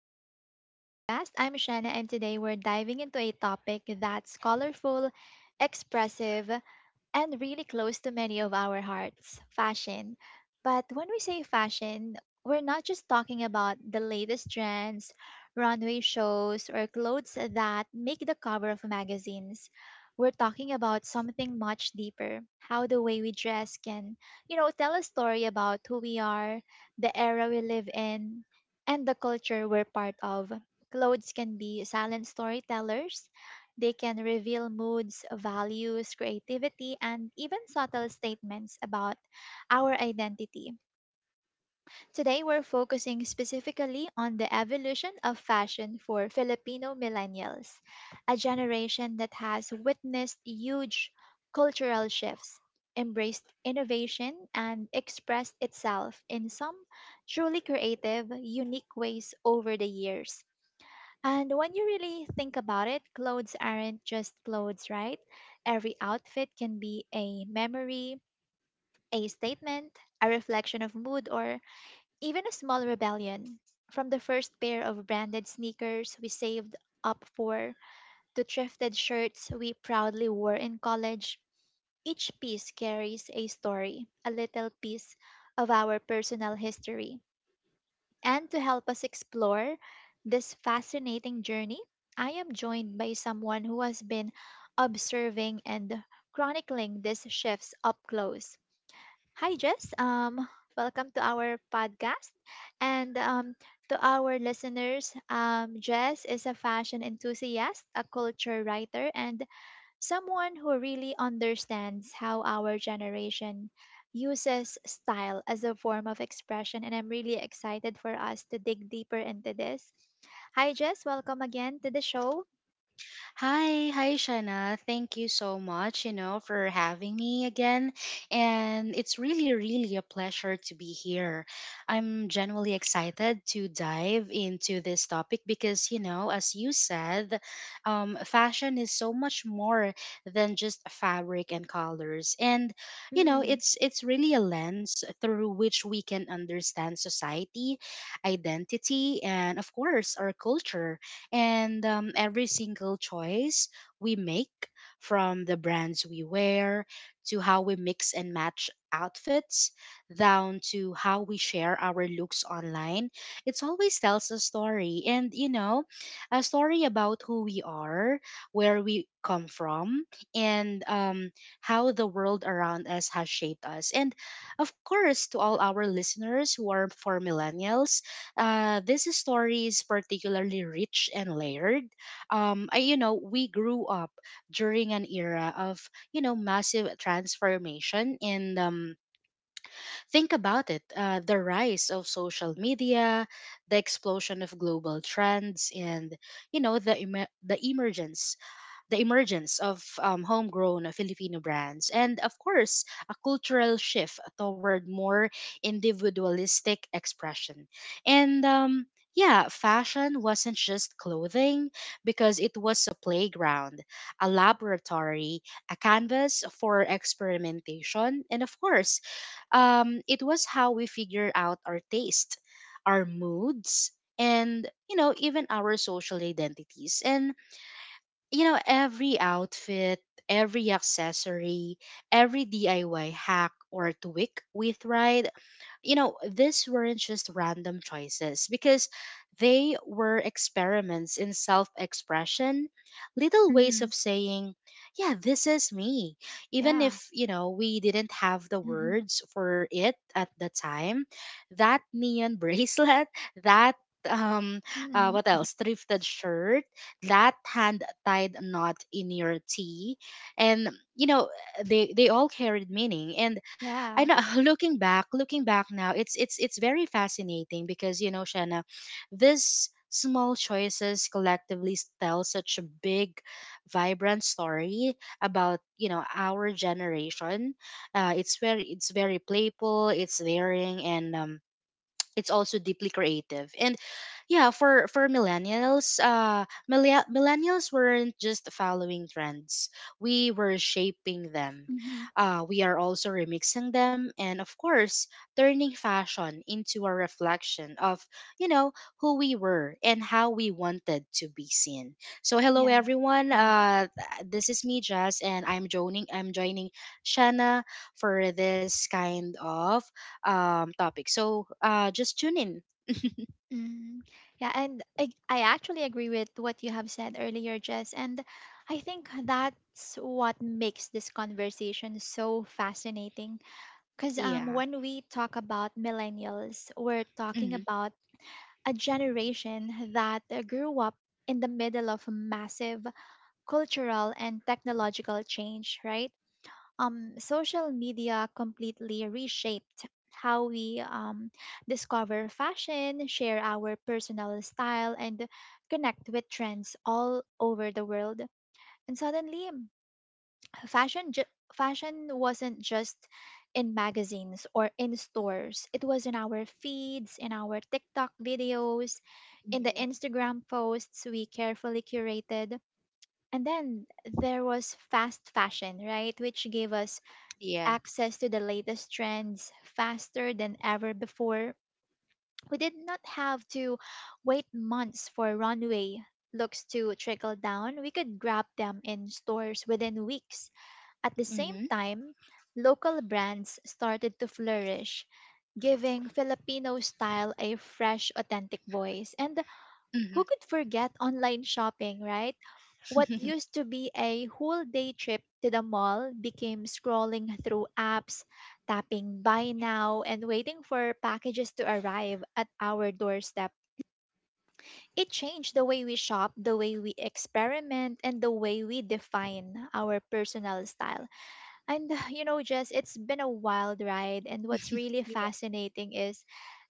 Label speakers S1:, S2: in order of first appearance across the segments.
S1: Welcome back to the podcast. I'm Shanna, and today we're diving into a topic that's colorful, expressive, and really close to many of our hearts fashion. But when we say fashion, we're not just talking about the latest trends, runway shows, or clothes that make the cover of magazines. We're talking about something much deeper how the way we dress can, tell a story about who we are, the era we live in, and the culture we're part of. Clothes can be silent storytellers they can reveal moods, values, creativity, and even subtle statements about our identity. Today, we're focusing specifically on the evolution of fashion for Filipino millennials, a generation that has witnessed huge cultural shifts, embraced innovation, and expressed itself in some truly creative, unique ways over the years. And when you really think about it, clothes aren't just clothes, right? Every outfit can be a memory, a statement, a reflection of mood, or even a small rebellion. From the first pair of branded sneakers we saved up for to thrifted shirts we proudly wore in college, each piece carries a story, a little piece of our personal history. And to help us explore this fascinating journey, I am joined by someone who has been observing and chronicling these shifts up close. Hi, Jess. Welcome to our podcast. And to our listeners, Jess is a fashion enthusiast, a culture writer, and someone who really understands how our generation uses style as a form of expression, and I'm really excited for us to dig deeper into this. Hi, Jess. Welcome again to the show.
S2: Hi, Shana. Thank you so much, you know, for having me again. And it's really, really a pleasure to be here. I'm genuinely excited to dive into this topic because, you know, as you said, fashion is so much more than just fabric and colors. And, you know,
S1: Mm,
S2: it's really a lens through which we can understand society, identity, and of course our culture and every single choice we make, from the brands we wear to how we mix and match outfits, down to how we share our looks online, it always tells a story. And, you know, a story about who we are, where we come from, and how the world around us has shaped us. And, of course, to all our listeners who are for millennials, this story is particularly rich and layered. You know, we grew up during an era of, you know, massive transformation. And think about it, the rise of social media, the explosion of global trends, and, you know, the emergence of homegrown Filipino brands, and of course, a cultural shift toward more individualistic expression. And yeah, fashion wasn't just clothing because it was a playground, a laboratory, a canvas for experimentation, and of course, it was how we figure out our taste, our moods, and you know even our social identities. And you know, every outfit, every accessory, every DIY hack or tweak we tried, you know, these weren't just random choices because they were experiments in self expression, little ways
S1: mm-hmm.
S2: of saying, yeah, this is me. Even
S1: Yeah.
S2: if, you know, we didn't have the
S1: Mm-hmm.
S2: words for it at the time, that neon bracelet, that um what
S1: Mm-hmm.
S2: else thrifted shirt that hand tied knot in your tea and you know they all carried meaning and I
S1: Yeah.
S2: know looking back now, it's very fascinating because you know, Shanna, these small choices collectively tell such a big vibrant story about you know our generation it's very it's very playful it's daring and it's also deeply creative and yeah for millennials millennials weren't just following trends, we were shaping them,
S1: Mm-hmm.
S2: we are also remixing them and of course turning fashion into a reflection of you know who we were and how we wanted to be seen. So hello
S1: Yeah.
S2: everyone, this is me Jazz and I'm joining Shanna for this kind of topic. So just tune in.
S1: Mm-hmm. Yeah. And I actually agree with what you have said earlier, Jess. And I think that's what makes this conversation so fascinating because
S2: Yeah.
S1: when we talk about millennials, we're talking
S2: Mm-hmm.
S1: about a generation that grew up in the middle of massive cultural and technological change, right? Social media completely reshaped how we discover fashion, share our personal style, and connect with trends all over the world. And suddenly, fashion wasn't just in magazines or in stores, it was in our feeds, in our TikTok videos, in the
S2: Mm-hmm.
S1: Instagram posts we carefully curated. And then there was fast fashion, right, which gave us
S2: Yeah.
S1: access to the latest trends faster than ever before. We did not have to wait months for runway looks to trickle down, we could grab them in stores within weeks. At the same
S2: Mm-hmm.
S1: time, local brands started to flourish, giving Filipino style a fresh, authentic voice. And
S2: Mm-hmm.
S1: who could forget online shopping, right? What used to be a whole day trip to the mall became scrolling through apps, tapping buy now, and waiting for packages to arrive at our doorstep. It changed the way we shop, the way we experiment, and the way we define our personal style. And you know, Jess, it's been a wild ride. And what's really
S2: Yeah.
S1: fascinating is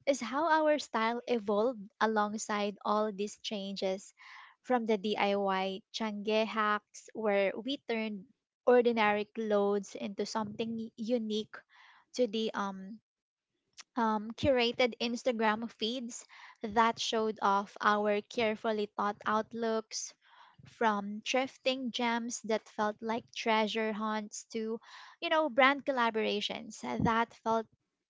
S1: how our style evolved alongside all these changes, from the DIY Changge hacks, where we turned ordinary clothes into something unique, to the curated Instagram feeds that showed off our carefully thought outlooks, from thrifting gems that felt like treasure hunts to, you know, brand collaborations that felt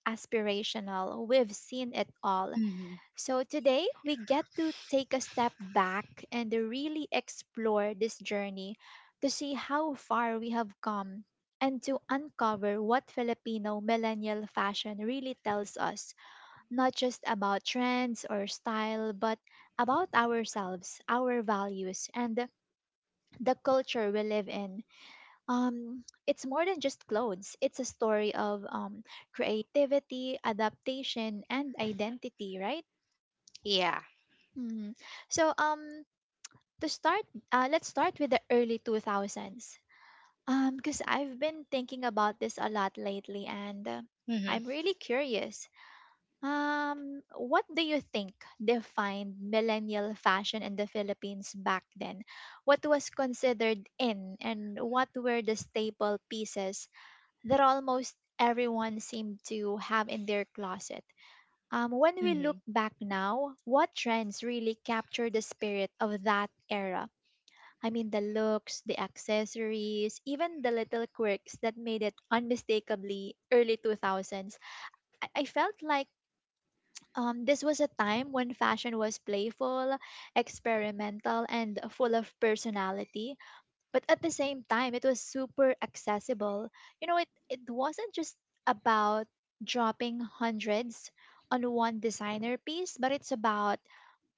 S1: aspirational. We've seen it all.
S2: Mm-hmm.
S1: So today we get to take a step back and really explore this journey, to see how far we have come and to uncover what Filipino millennial fashion really tells us, not just about trends or style, but about ourselves, our values, and the culture we live in. It's more than just clothes. It's a story of creativity, adaptation, and identity, right?
S2: Yeah.
S1: Mhm. So to start, let's start with the early 2000s. Because I've been thinking about this a lot lately, and
S2: Mm-hmm.
S1: I'm really curious. Um, what do you think defined millennial fashion in the Philippines back then? What was considered in, and what were the staple pieces that almost everyone seemed to have in their closet? When we
S2: Mm-hmm.
S1: look back now, what trends really capture the spirit of that era? I mean, the looks, the accessories, even the little quirks that made it unmistakably early 2000s. I felt like this was a time when fashion was playful, experimental, and full of personality, but at the same time it was super accessible. You know, it wasn't just about dropping hundreds on one designer piece, but it's about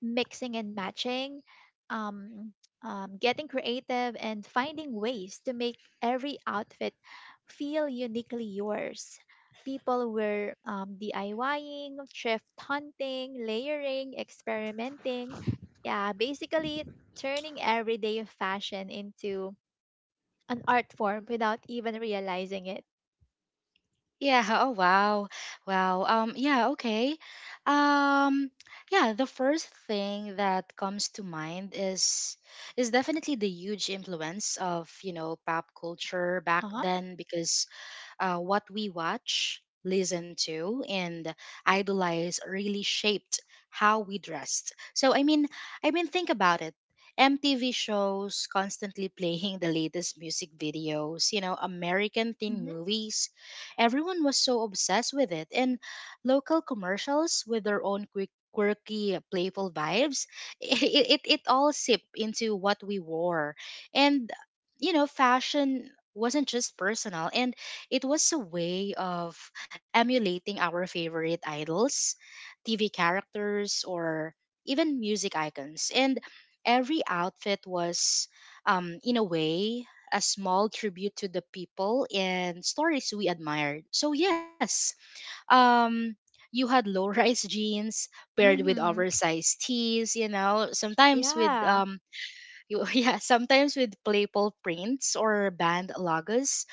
S1: mixing and matching, um, getting creative and finding ways to make every outfit feel uniquely yours. People were diying, thrift hunting, layering, experimenting, yeah, basically turning everyday fashion into an art form without even realizing it.
S2: Yeah. Oh wow. Wow. Yeah. Okay. Um. Yeah. The first thing that comes to mind is definitely the huge influence of you know pop culture back
S1: Uh huh.
S2: then because what we watch, listen to, and idolize really shaped how we dressed. So think about it. MTV shows constantly playing the latest music videos, you know, American teen
S1: Mm-hmm.
S2: movies. Everyone was so obsessed with it. And local commercials with their own quick quirky playful vibes it all seeped into what we wore and you know fashion wasn't just personal and it was a way of emulating our favorite idols, TV characters, or even music icons. And every outfit was, in a way, a small tribute to the people and stories we admired. So, yes, um, you had low rise jeans paired with
S1: Mm-hmm.
S2: oversized tees, you know, sometimes with
S1: Yeah.
S2: yeah, sometimes with playful prints or band logos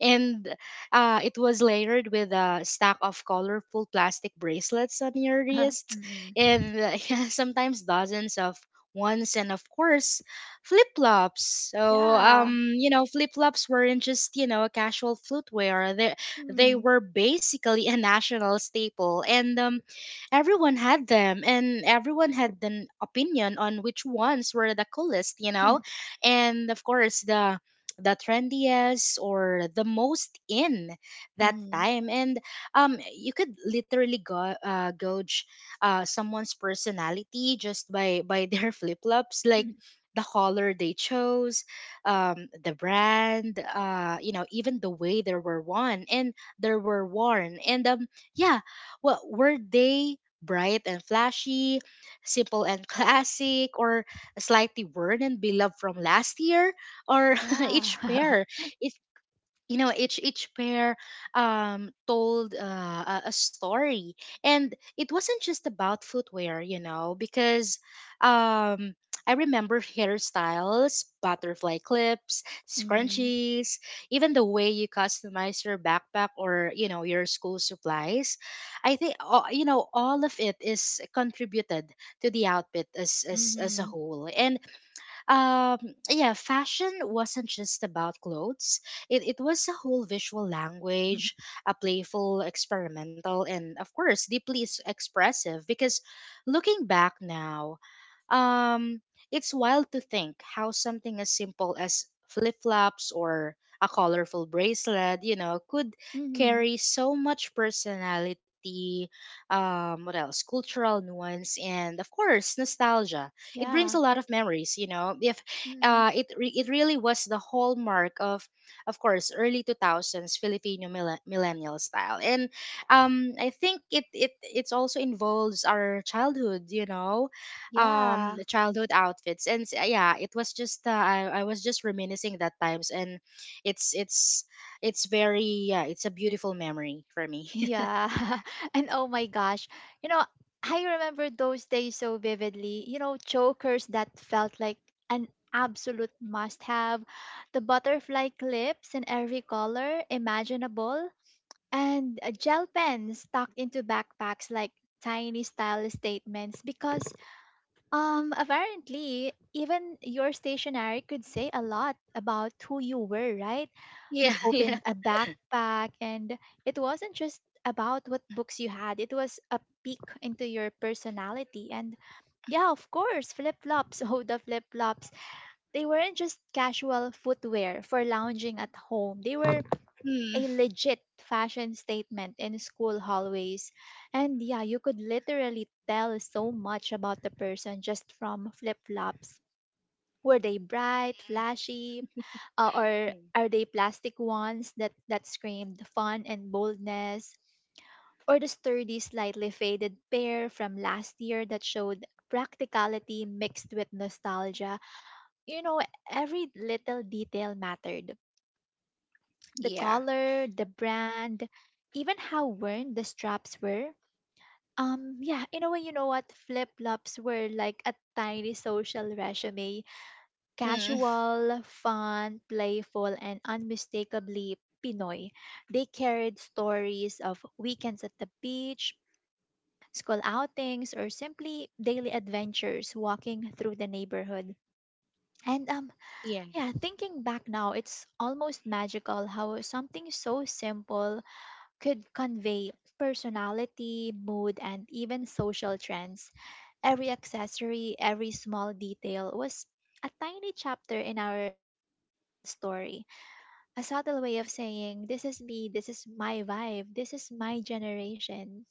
S2: and it was layered with a stack of colorful plastic bracelets on your wrist,
S1: Mm.
S2: and yeah, sometimes dozens of ones, and of course, flip flops. So,
S1: Yeah.
S2: you know, flip flops weren't just you know a casual footwear; they
S1: Mm.
S2: were basically a national staple, and everyone had them, and everyone had an opinion on which ones were the coolest, you know, and of course the trendiest or the most in that
S1: Mm.
S2: time and you could literally gauge someone's personality just by their flip-flops, like the color they chose, the brand, you know even the way there were worn and yeah, what were they, bright and flashy, simple and classic, or slightly worn and beloved from last year, or
S1: Yeah.
S2: each pair it each pair told a story, and it wasn't just about footwear, you know, because um I remember hairstyles, butterfly clips,
S1: Mm.
S2: scrunchies, even the way you customize your backpack or you know your school supplies. You know all of it is contributed to the outfit as a
S1: Mm-hmm.
S2: whole and um yeah, fashion wasn't just about clothes, it was a whole visual language, a playful experimental and of course deeply expressive because looking back now um it's wild to think how something as simple as flip-flops or a colorful bracelet you know could
S1: Mm-hmm.
S2: carry so much personality, what else, cultural nuance and of course nostalgia. It brings
S1: Yeah.
S2: a lot of memories you know if
S1: Mm.
S2: it re- it really was the hallmark of course early 2000s Filipino millennial style and I think it's also involves our childhood you know
S1: Yeah.
S2: the childhood outfits and yeah it was just I was just reminiscing that times and it's it's it's very yeah it's a beautiful memory for me.
S1: Yeah. And oh my gosh. You know, I remember those days so vividly. You know, chokers that felt like an absolute must have, the butterfly clips in every color imaginable, and gel pens tucked into backpacks like tiny style statements, because apparently even your stationery could say a lot about who you were, right?
S2: Yeah.
S1: You'd
S2: Yeah.
S1: open a backpack, and it wasn't just about what books you had. It was a peek into your personality. And yeah, of course, flip-flops. Oh, the flip-flops. They weren't just casual footwear for lounging at home. They were a
S2: Mm.
S1: legit fashion statement in school hallways. And yeah, you could literally tell so much about the person just from flip flops. Were they bright, flashy, or
S2: Mm.
S1: are they plastic ones that, screamed fun and boldness? Or the sturdy, slightly faded pair from last year that showed practicality mixed with nostalgia? You know, every little detail mattered, the
S2: Yeah.
S1: color, the brand, even how worn the straps were. Yeah, in a way, you know what? Flip flops were like a tiny social resume,
S2: Mm.
S1: casual, fun, playful, and unmistakably Pinoy. They carried stories of weekends at the beach, school outings, or simply daily adventures walking through the neighborhood. And
S2: Yeah.
S1: yeah, thinking back now, it's almost magical how something so simple could convey personality, mood, and even social trends. Every accessory, every small detail was a tiny chapter in our style story. A subtle way of saying this is me, this is my vibe, this is my generation.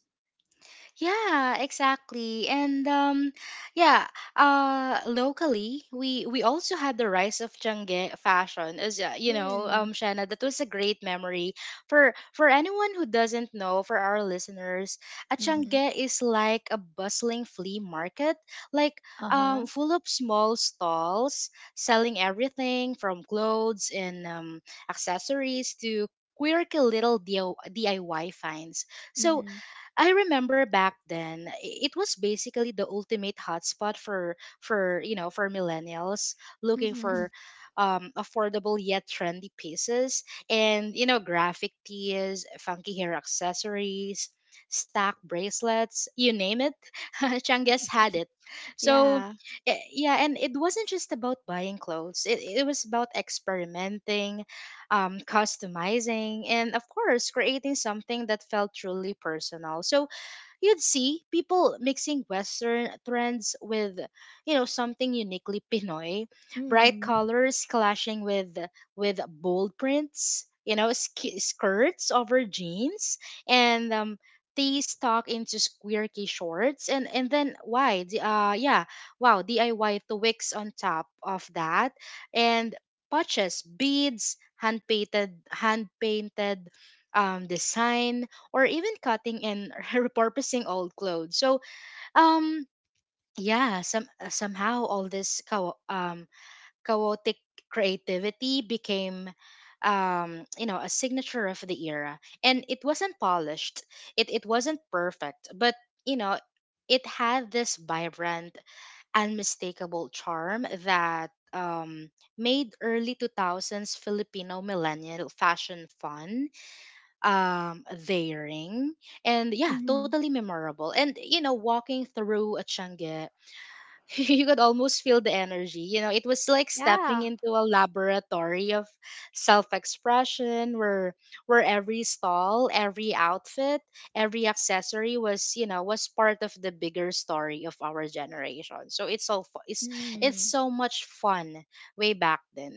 S2: Yeah, exactly. And yeah, locally we also had the rise of Changge fashion as you know,
S1: Hmm.
S2: Shanna, that was a great memory for anyone who doesn't know, for our listeners. A
S1: Mhm.
S2: Changge is like a bustling flea market, like
S1: Uh-huh.
S2: full of small stalls selling everything from clothes and accessories to quirky little DIY finds. So
S1: Mhm.
S2: I remember back then it was basically the ultimate hotspot for you know for millennials looking
S1: Mhm.
S2: for affordable yet trendy pieces and you know graphic tees, funky hair accessories, stack bracelets, you name it, Changes had it. So
S1: Yeah.
S2: yeah, and it wasn't just about buying clothes. It was about experimenting, customizing, and of course creating something that felt truly personal. So you'd see people mixing Western trends with, you know, something uniquely Pinoy, bright
S1: Mm.
S2: colors clashing with bold prints, you know, skirts over jeans, and they stuck into squirky shorts, and then why? Yeah, wow, DIY twigs on top of that, and patches, beads, hand painted design or even cutting and repurposing old clothes. So, um, somehow all this chaotic creativity became you know a signature of the era and it wasn't polished, it wasn't perfect but you know it had this vibrant unmistakable charm that made early 2000s Filipino millennial fashion fun, daring, and yeah
S1: Mhm.
S2: totally memorable. And you know walking through a changi you could almost feel the energy. You know it was like stepping
S1: Yeah.
S2: into a laboratory of self-expression, where every stall, every outfit, every accessory was you know was part of the bigger story of our generation. So it's
S1: Mm.
S2: so much fun way back then.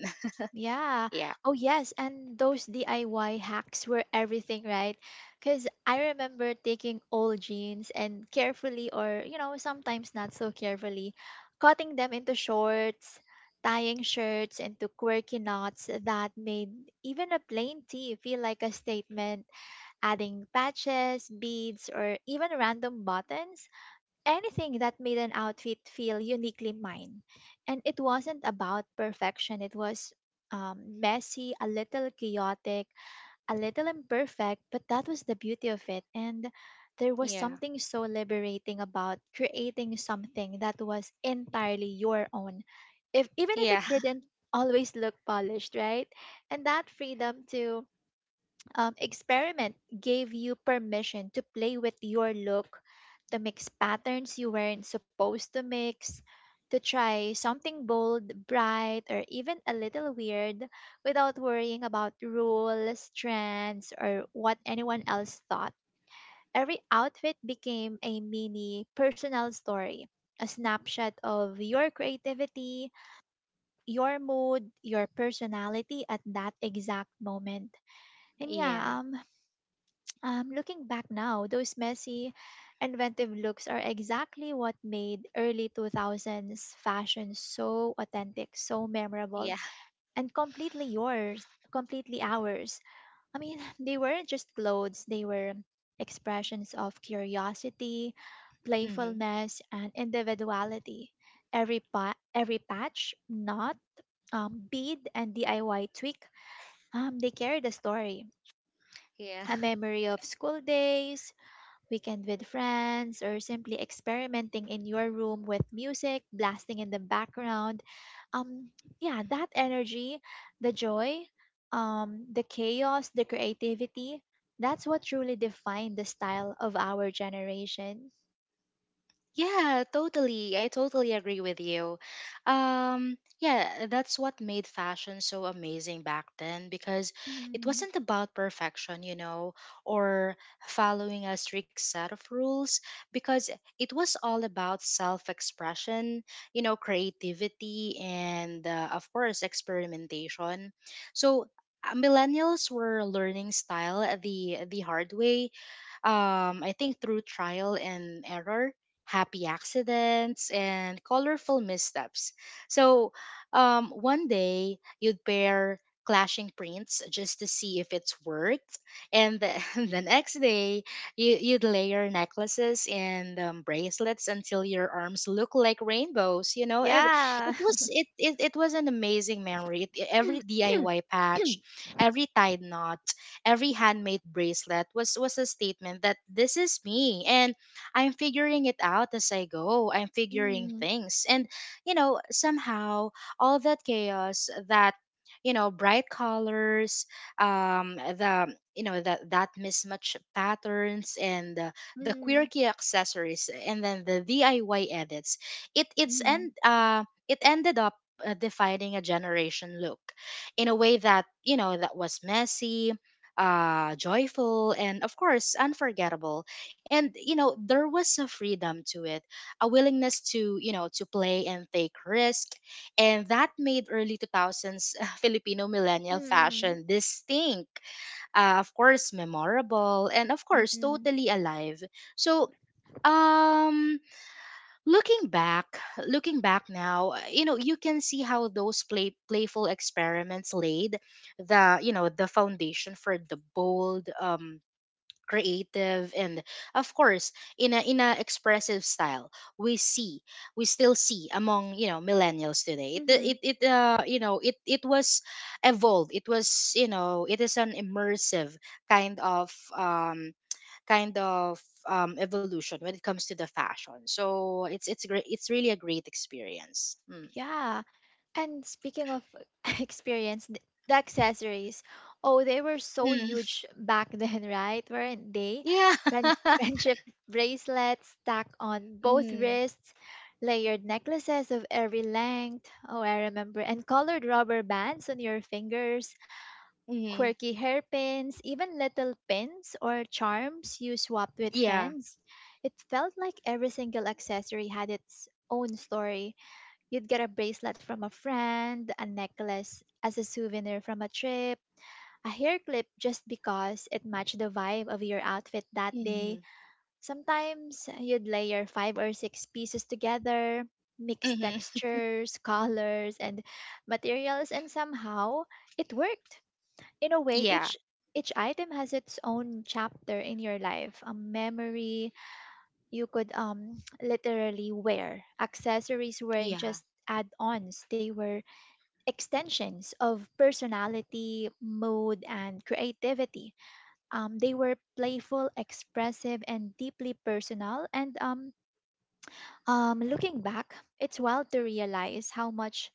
S1: Yeah.
S2: Yeah.
S1: Oh, yes. And those DIY hacks were everything, right? Because I remember taking old jeans and carefully, or, you know, sometimes not so carefully, cutting them into shorts, tying shirts into quirky knots that made even a plain tee feel like a statement, adding patches, beads, or even random buttons, anything that made an outfit feel uniquely mine. And it wasn't about perfection, it was messy, a little chaotic, a little imperfect, but that was the beauty of it. And there was
S2: Yeah.
S1: something so liberating about creating something that was entirely your own, if even if it
S2: Yeah.
S1: didn't always look polished, right? And that freedom to experiment gave you permission to play with your look, to mix patterns you weren't supposed to mix, to try something bold, bright, or even a little weird without worrying about rules, trends, or what anyone else thought. Every outfit became a mini personal story, a snapshot of your creativity, your mood, your personality at that exact moment. And yeah,
S2: Yeah.
S1: looking back now, those messy, inventive looks are exactly what made early 2000s fashion so authentic, so memorable,
S2: Yeah.
S1: and completely yours, completely ours. I mean, they weren't just clothes, they were expressions of curiosity,
S2: Hmm.
S1: playfulness, and individuality. Every patch, knot, bead, and DIY tweak, they carried a story,
S2: Yeah.
S1: a memory of school days, weekend with friends, or simply experimenting in your room with music blasting in the background. Um, yeah, that energy, the joy, the chaos, the creativity, that's what truly defined the style of our generation.
S2: Yeah, totally. I totally agree with you. Yeah, that's what made fashion so amazing back then because it
S1: Mm,
S2: wasn't about perfection, you know, or following a strict set of rules, because it was all about self expression, you know, creativity, and of course, experimentation. So, millennials were learning style the hard way, I think through trial and error, happy accidents, and colorful missteps. So, one day you'd pair clashing prints just to see if it's worked, and the next day you'd layer necklaces and bracelets until your arms look like rainbows. You know, every
S1: yeah.
S2: it was it it, it was an amazing memory. Every DIY patch, every tied knot, every handmade bracelet was a statement that this is me and I'm figuring it out as I go. I'm figuring
S1: Mm,
S2: things. And, somehow all that chaos, that, bright colors, the, you know, that, that mismatch patterns and the
S1: mm,
S2: quirky accessories, and then the DIY edits, it, it's,
S1: mm,
S2: end uh, it ended up defining a generation look in a way that, that was messy, joyful, and of course unforgettable. And there was a freedom to it, a willingness to, to play and take risk. And that made early 2000s Filipino
S1: mm,
S2: millennial
S1: mm,
S2: fashion distinct, of course memorable, and of course
S1: mm,
S2: totally alive. So, um looking back, now, you can see how those playful experiments laid the, the foundation for the bold, creative, and of course, in a expressive style we see. We still see among, millennials today. it
S1: mm.
S2: it, it uh you know it it was evolved. It was, it is an immersive kind of, um kind of, evolution when it comes to the fashion. So it's great. It's really a great experience. Mm.
S1: Yeah. And speaking of experience, the accessories, oh, they were so
S2: Mm.
S1: huge back then, right? Weren't they?
S2: Yeah.
S1: Friend- friendship bracelets stacked on both
S2: Mm-hmm.
S1: wrists, layered necklaces of every length. Oh, I remember. And colored rubber bands on your fingers,
S2: Mm-hmm.
S1: quirky hairpins, even little pins or charms you swapped with
S2: Yeah.
S1: friends. It felt like every single accessory had its own story. You'd get a bracelet from a friend, a necklace as a souvenir from a trip, a hair clip just because it matched the vibe of your outfit that
S2: Mm-hmm.
S1: day. Sometimes you'd layer 5 or 6 pieces together, mix
S2: Mm-hmm.
S1: textures, colors, and materials, and somehow it worked. In a way,
S2: Yeah.
S1: each item has its own chapter in your life, a memory you could literally wear. Accessories weren't
S2: Yeah.
S1: just add-ons; they were extensions of personality, mood, and creativity. They were playful, expressive, and deeply personal. And Looking back, it's wild to realize how much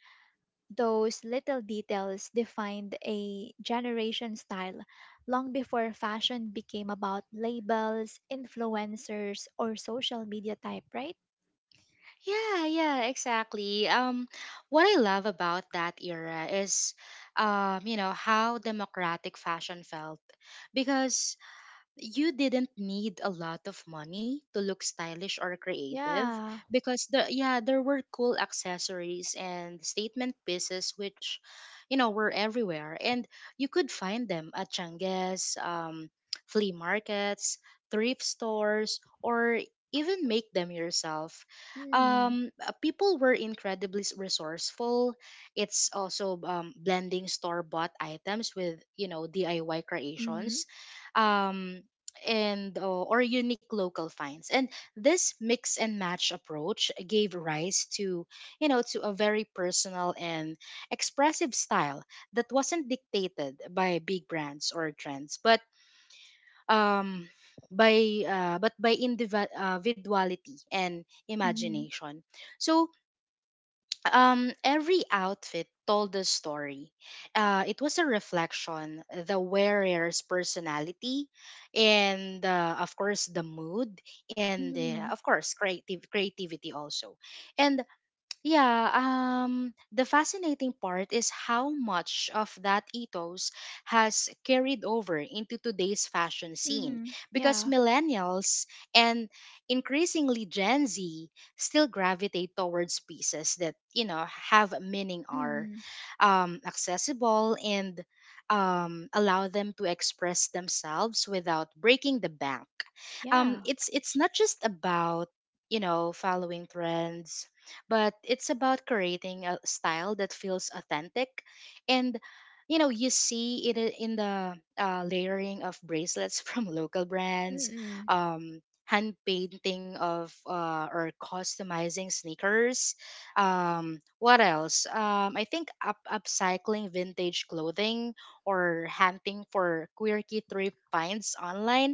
S1: those little details defined a generation style long before fashion became about labels, influencers, or social media type, right?
S2: Yeah, yeah, exactly. What I love about that era is, how democratic fashion felt, because you didn't need a lot of money to look stylish or creative,
S1: Yeah.
S2: because, the yeah, there were cool accessories and statement pieces which, were everywhere, and you could find them at Changes, flea markets, thrift stores, or even make them yourself.
S1: Mm.
S2: People were incredibly, resourceful. It's also, blending store bought items with, DIY
S1: Mm-hmm.
S2: creations, um and, or unique local finds, and this mix and match approach gave rise to, to a very personal and expressive style that wasn't dictated by big brands or trends, but, um by, individuality and
S1: Mm-hmm.
S2: imagination. So, every outfit told a story. It was a reflection, the wearer's personality, and, of course, the mood, and,
S1: Mm-hmm.
S2: of course, creative creativity also. And yeah, the fascinating part is how much of that ethos has carried over into today's fashion scene,
S1: Mm-hmm.
S2: because
S1: Yeah.
S2: millennials and increasingly Gen Z still gravitate towards pieces that, have meaning, are,
S1: Mm-hmm.
S2: accessible, and, allow them to express themselves without breaking the bank.
S1: Yeah.
S2: It's not just about, following trends, but it's about creating a style that feels authentic. And, you see it, in the, layering of bracelets from local brands,
S1: Mm-mm.
S2: um hand painting of, or customizing sneakers, what else I think, up upcycling vintage clothing, or hunting for quirky thrift finds online.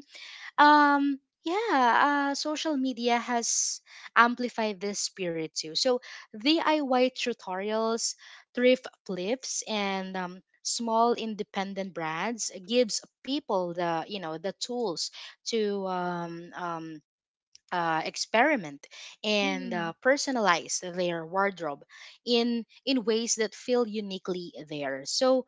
S2: um yeah, social media has amplified this spirit too. So DIY tutorials, thrift flips, and, small independent brands gives people the, the tools to, experiment and,
S1: Mm-mm.
S2: personalize their wardrobe in, ways that feel uniquely theirs. So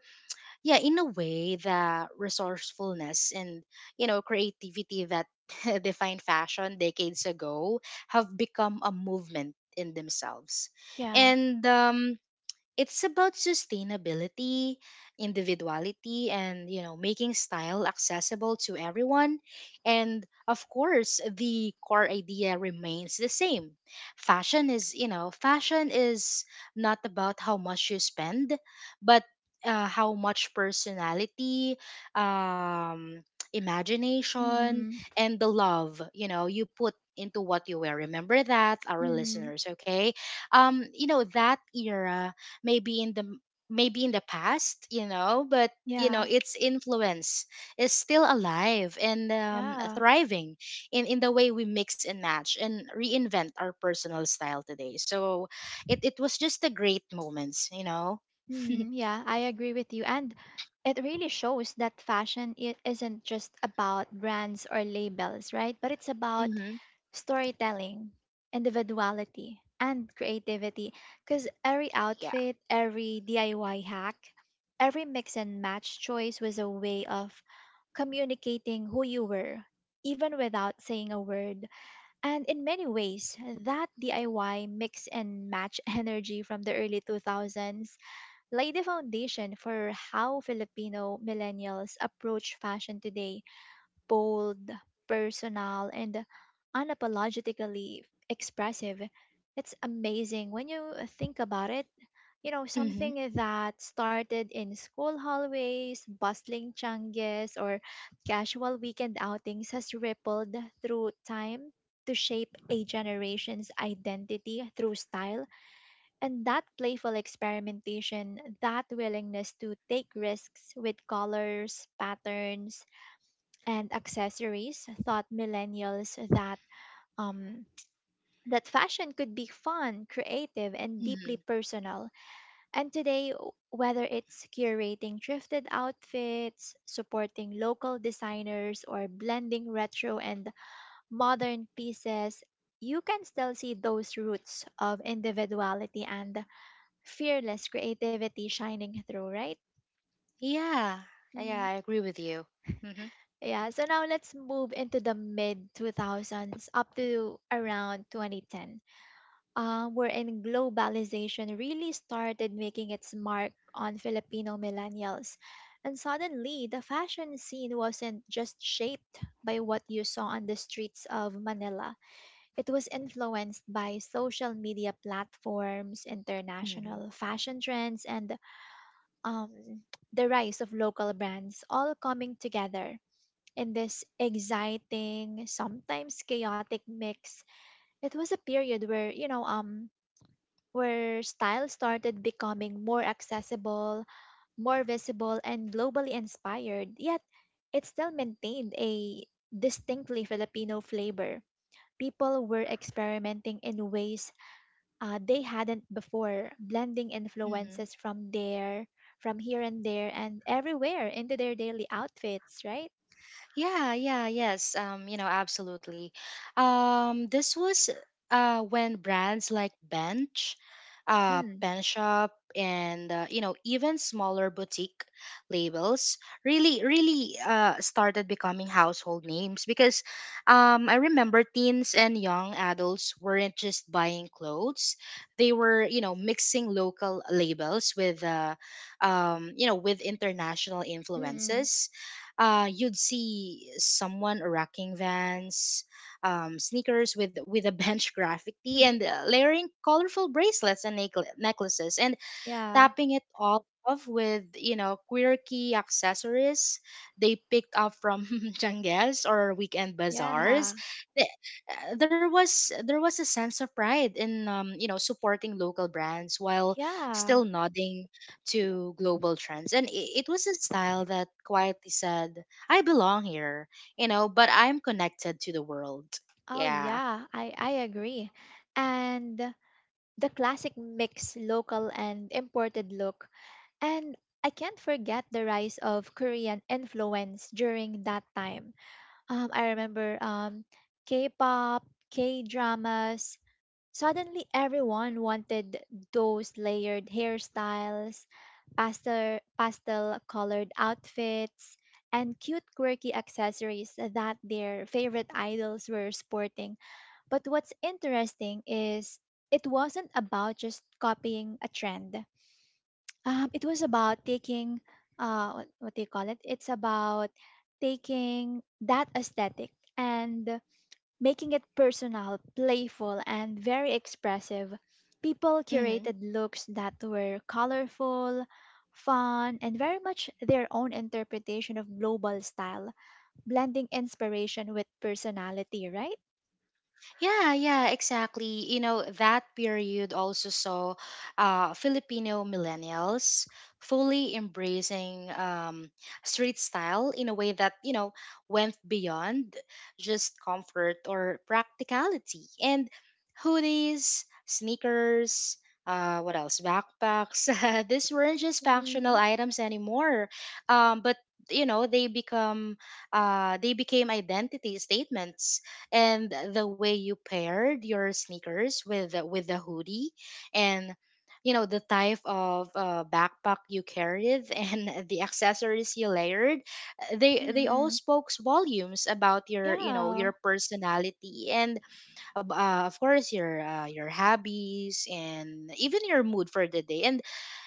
S2: yeah, in a way, the resourcefulness and, creativity that defined fashion decades ago have become a movement in themselves.
S1: Yeah.
S2: And, it's about sustainability, individuality, and, making style accessible to everyone. And of course, the core idea remains the same. Fashion is not about how much you spend, but, how much personality, um,
S1: mm
S2: imagination,
S1: Hmm.
S2: and the love, you put into what you wear. Remember that, our
S1: Mm-mm.
S2: listeners, okay? That era, maybe in the maybe in the past, but,
S1: Yeah.
S2: its influence is still alive and,
S1: Yeah.
S2: thriving in, the way we mix and match and reinvent our personal style today. So, it was just a great moments.
S1: Mm, yeah, I agree with you. And it really shows that fashion is isn't just about brands or labels, right? But it's about
S2: Mm-hmm.
S1: storytelling, individuality, and creativity. Because every
S2: Yeah.
S1: outfit, every DIY hack, every mix and match choice was a way of communicating who you were, even without saying a word. And in many ways, that DIY mix and match energy from the early 2000s laid the foundation for how Filipino millennials approach fashion today: bold, personal, and unapologetically expressive. It's amazing when you think about it. You know,
S2: Mm-hmm.
S1: something that started in school hallways, bustling changes, or casual weekend outings has rippled through time to shape a generation's identity through style. And that playful experimentation, that willingness to take risks with colors, patterns, and accessories taught millennials that um, that fashion could be fun, creative, and
S2: Mm-hmm.
S1: deeply personal. And today, whether it's curating thrifted outfits, supporting local designers, or blending retro and modern pieces, you can still see those roots of individuality and fearless creativity shining through, right?
S2: Yeah. Yeah,
S1: Mm-hmm.
S2: I agree with you. Mm-hmm.
S1: Yeah, so now let's move into the mid 2000s up to around 2010, wherein globalization really started making its mark on Filipino millennials. And suddenly, the fashion scene wasn't just shaped by what you saw on the streets of Manila, it was influenced by social media platforms,
S2: Mm-hmm.
S1: international fashion trends, and um, the rise of local brands all coming together in this exciting, sometimes chaotic mix. It was a period where, you know, where style started becoming more accessible, more visible, and globally inspired, yet it still maintained a distinctly Filipino flavor. People were experimenting in ways they hadn't before, blending
S2: Mm-hmm.
S1: influences from there, from here and there, and everywhere into their daily outfits, right?
S2: Yeah, yeah, yes. Absolutely. This was, when brands like Bench,
S1: Mm,
S2: Pen Shop, and, even smaller boutique labels really, really started becoming household names, because, I remember teens and young adults weren't just buying clothes; they were, mixing local labels with, with international
S1: mm,
S2: influences. You'd see someone rocking Vans, sneakers with, a Bench graffiti,
S1: mm.
S2: and, layering colorful bracelets and, necklaces. And
S1: Yeah,
S2: tapping it all off with, quirky accessories they picked up from jangles or weekend
S1: yeah,
S2: bazaars. The- there was a sense of pride in, supporting local brands while
S1: yeah.
S2: still nodding to global trends, and, it was a style that quietly said, I belong here, but I'm connected to the world.
S1: Oh,
S2: Yeah.
S1: yeah, I agree. And the classic mix, local and imported look. And I can't forget the rise of Korean influence during that time. I remember K pop, K dramas. Suddenly, everyone wanted those layered hairstyles, pastel colored outfits, and cute quirky accessories that their favorite idols were sporting. But what's interesting is it wasn't about just copying a trend. It was about taking, what do you call it? It's about taking that aesthetic and making it personal, playful, and very expressive. People
S2: Hmm.
S1: curated looks that were colorful, fun, and very much their own interpretation of global style, blending inspiration with personality, right?
S2: Yeah, yeah, exactly. You know, that period also saw, Filipino millennials fully embracing, street style in a way that, went beyond just comfort or practicality. And hoodies, sneakers, what else? Backpacks. These weren't just functional
S1: Mm,
S2: items anymore, but, they become, they became identity statements, and the way you paired your sneakers with the, hoodie and, the type of, backpack you carried and the accessories you layered, they all
S1: mm,
S2: spoke volumes about your,
S1: yeah.
S2: your personality, and, of course your, your hobbies, and even your mood for the day. And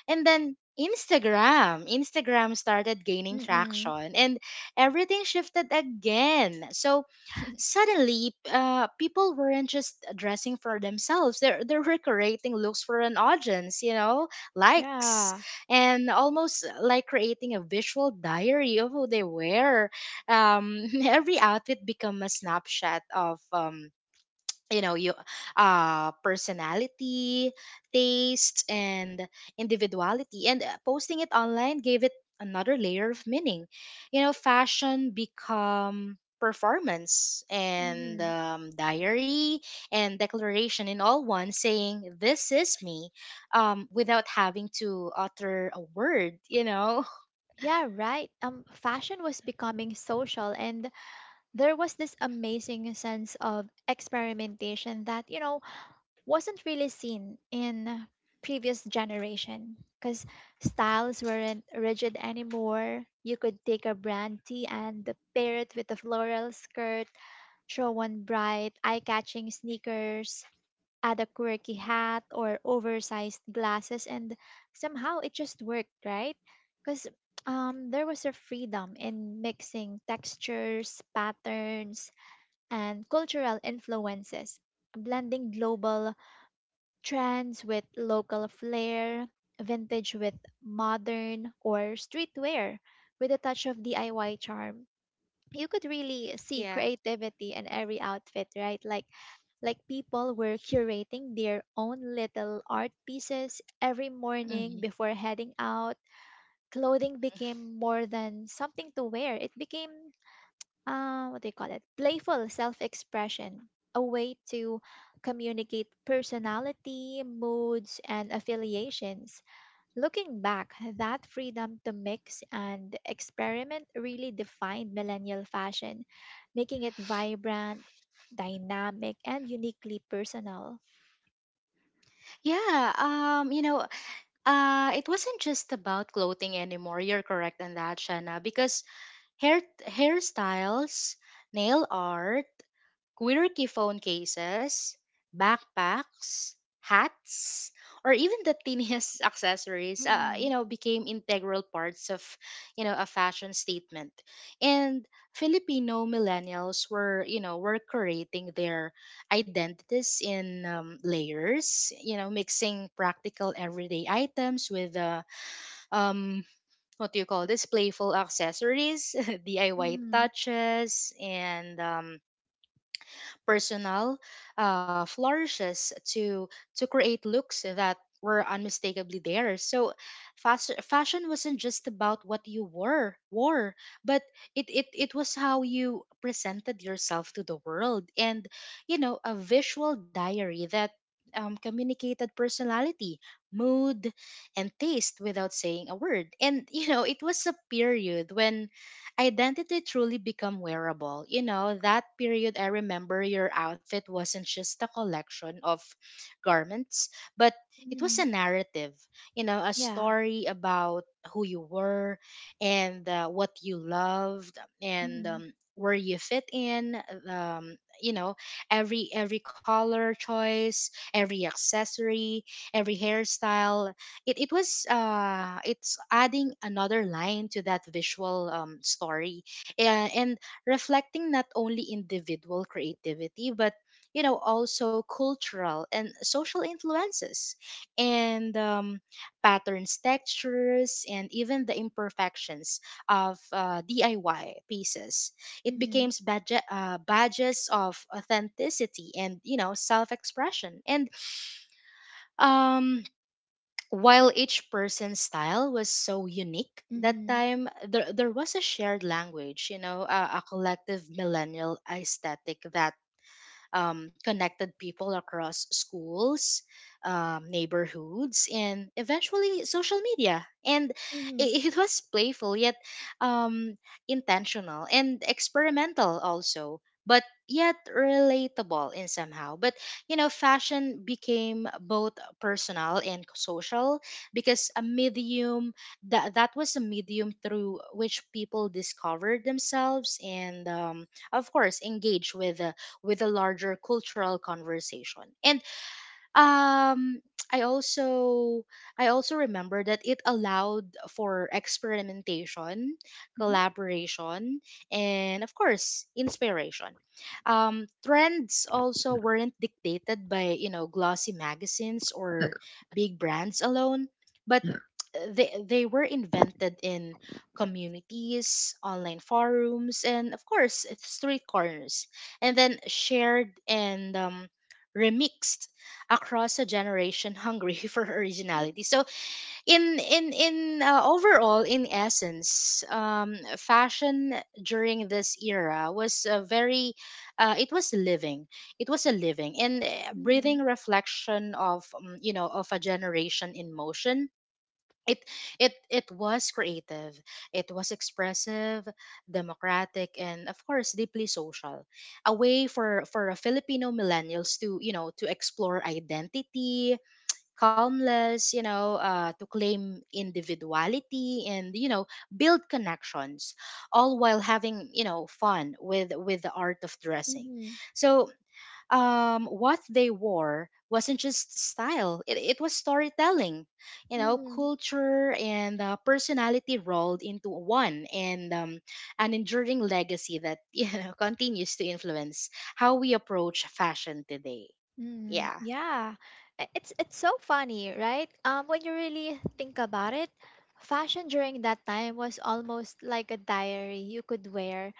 S2: then Instagram started gaining
S1: Mm,
S2: traction, and everything shifted again. So suddenly, people weren't just dressing for themselves. They were creating looks for an audience, likes,
S1: yeah.
S2: and almost, like creating a visual diary of who they were. Every outfit become a snapshot of, you know you personality, tastes, and individuality, and, posting it online gave it another layer of meaning. Fashion become performance, and,
S1: Mhm.
S2: diary and declaration, in all one, saying, this is me, without having to utter a word.
S1: Yeah, right. Fashion was becoming social, and there was this amazing sense of experimentation that, you know, wasn't really seen in previous generation because styles weren't rigid anymore. You could take a brand tee and pair it with a floral skirt, throw on bright, eye-catching sneakers, add a quirky hat or oversized glasses, and somehow it just worked, right? Because there was a freedom in mixing textures, patterns, and cultural influences, blending global trends with local flair, vintage with modern, or streetwear with a touch of DIY charm. You could really see
S2: Yeah.
S1: creativity in every outfit, right? Like people were curating their own little art pieces every morning
S2: Mhm.
S1: before heading out. Clothing became more than something to wear. It became, what do you call it? Playful self expression, a way to communicate personality, moods, and affiliations. Looking back, that freedom to mix and experiment really defined millennial fashion, making it vibrant, dynamic, and uniquely personal.
S2: Yeah, it wasn't just about clothing anymore. You're correct on that, Shanna, because, hair hairstyles, nail art, quirky phone cases, backpacks, hats, or even the tiniest accessories,
S1: Mm,
S2: became integral parts of, a fashion statement. And Filipino millennials were creating their identities in, layers, mixing practical everyday items with, um, what do you call this, playful accessories, DIY
S1: mm,
S2: touches, and, personal, flourishes to create looks that were unmistakably theirs. So, fashion wasn't just about what you wore, but it was how you presented yourself to the world, and, a visual diary that, communicated personality, mood, and taste without saying a word. And it was a period when identity truly become wearable. That period, I remember, your outfit wasn't just a collection of garments, but it was
S1: mm,
S2: a narrative, a
S1: yeah.
S2: story about who you were, and, what you loved, and,
S1: Mm,
S2: where you fit in. Um, you know, every color choice, every accessory, every hairstyle, it's adding another line to that visual, story, and reflecting not only individual creativity, but, also cultural and social influences, and, patterns, textures, and even the imperfections of, DIY pieces. It
S1: mm,
S2: becomes, badges of authenticity and, self-expression. And, um while each person's style was so unique that
S1: mm,
S2: time, there was a shared language, a collective millennial aesthetic that, connected people across schools, neighborhoods, and eventually social media. And,
S1: mm,
S2: it was playful yet, um, intentional and experimental also. But yet relatable in somehow. But, fashion became both personal and social, because a medium that was a medium through which people discovered themselves, and, of course engage with, with a larger cultural conversation. And, um i also I also remember that it allowed for experimentation,
S1: mhm,
S2: collaboration, and of course inspiration. Trends also weren't dictated by, glossy magazines or big brands alone, but they were invented in communities, online forums, and of course street corners, and then shared and, remixed across a generation hungry for originality. So, in overall in essence, fashion during this era was a very, it was living. It was a living and, breathing
S1: mm,
S2: reflection of, of a generation in motion. It it it was creative, it was expressive, democratic, and of course deeply social. A way for a Filipino millennials to, to explore identity, calmness, to claim individuality, and, build connections, all while having, fun with, the art of dressing.
S1: mm,
S2: So, what they wore wasn't just style, it was storytelling,
S1: mm,
S2: culture, and, personality rolled into one, and, an enduring legacy that, continues to influence how we approach fashion today.
S1: mm.
S2: Yeah.
S1: Yeah. It's so funny, right? When you really think about it, fashion during that time was almost like a diary you could wear.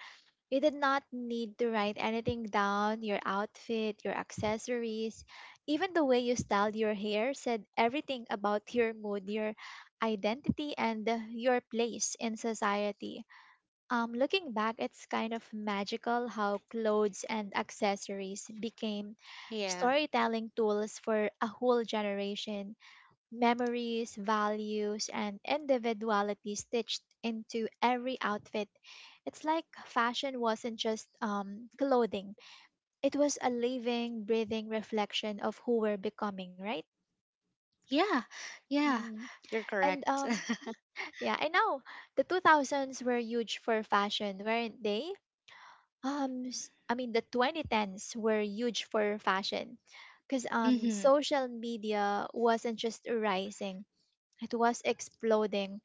S1: You did not need to write anything down. Your outfit, your accessories, even the way you styled your hair said everything about your mood, your identity, and your place in society. Looking back, it's kind of magical how clothes and accessories became
S2: Yeah.
S1: storytelling tools for a whole generation, memories, values, and individuality stitched into every outfit. It's like fashion wasn't just clothing, it was a living, breathing reflection of who we're becoming, right?
S2: Yeah. Yeah.
S1: Mm.
S2: You're
S1: And
S2: correct.
S1: yeah, I know the 2000s were huge for fashion, weren't they? I mean, the 2010s were huge for fashion because
S2: Hmm.
S1: social media wasn't just rising, it was exploding.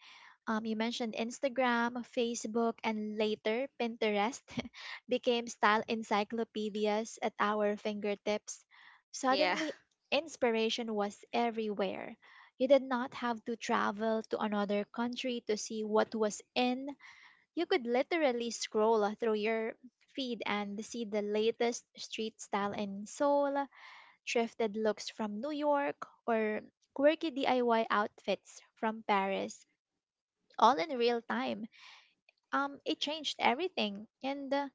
S1: You mentioned Instagram, Facebook, and later Pinterest became style encyclopedias at our fingertips.
S2: Yeah.
S1: Suddenly, inspiration was everywhere. You did not have to travel to another country to see what was in. You could literally scroll through your feed and see the latest street style in Seoul, thrifted looks from New York, or quirky DIY outfits from Paris, all in real time. It changed everything. And uh,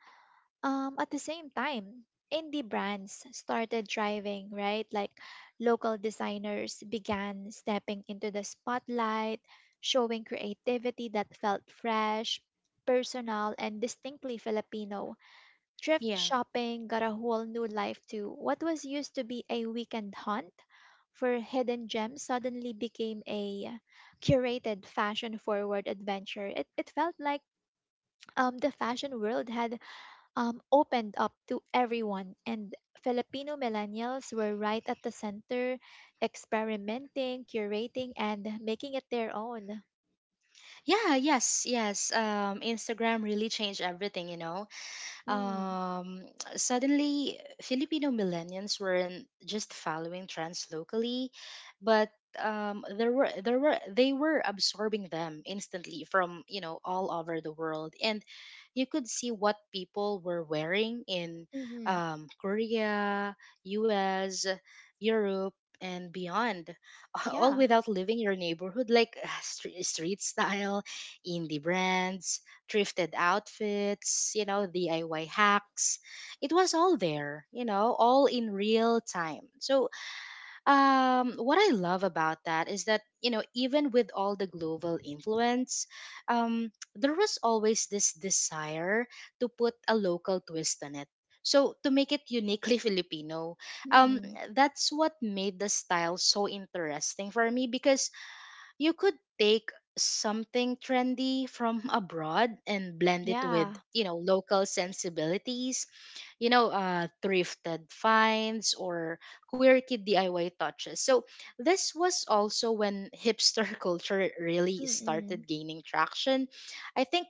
S1: um, at the same time, indie brands started driving, right? Like local designers began stepping into the spotlight, showing creativity that felt fresh, personal, and distinctly Filipino. Thrift
S2: Yeah.
S1: shopping got a whole new life too. What was used to be a weekend hunt for hidden gems suddenly became a curated fashion forward adventure. It felt like the fashion world had opened up to everyone, and Filipino millennials were right at the center, experimenting, curating, and making it their own.
S2: Yeah, yes, yes. Instagram really changed everything.
S1: Mm,
S2: um, suddenly Filipino millennials weren't just following trends locally, but, there were they were absorbing them instantly from, all over the world, and you could see what people were wearing in,
S1: mm-hmm.
S2: Korea, U.S., Europe. And beyond, all
S1: Yeah.
S2: without leaving your neighborhood, like, street style, indie brands, thrifted outfits, DIY hacks. It was all there, all in real time. So what I love about that is that, you know, even with all the global influence, there was always this desire to put a local twist on it. So, to make it uniquely Filipino, um,
S1: Mm,
S2: that's what made the style so interesting for me because you could take something trendy from abroad and blend it with,
S1: yeah.
S2: you know, local sensibilities, you know, thrifted finds or quirky DIY touches. So this was also when hipster culture really
S1: Mm-mm.
S2: started gaining traction. I think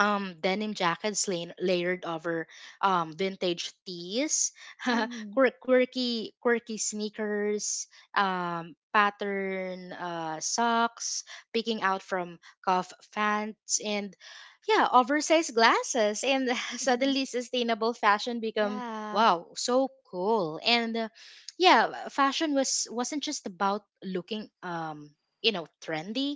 S2: denim jackets layered over vintage tees,
S1: Mm-hmm.
S2: quirky sneakers, pattern socks picking out from cuff fans, and yeah, oversized glasses, and suddenly sustainable fashion become
S1: Yeah.
S2: wow so cool. And yeah, fashion wasn't just about looking you know trendy,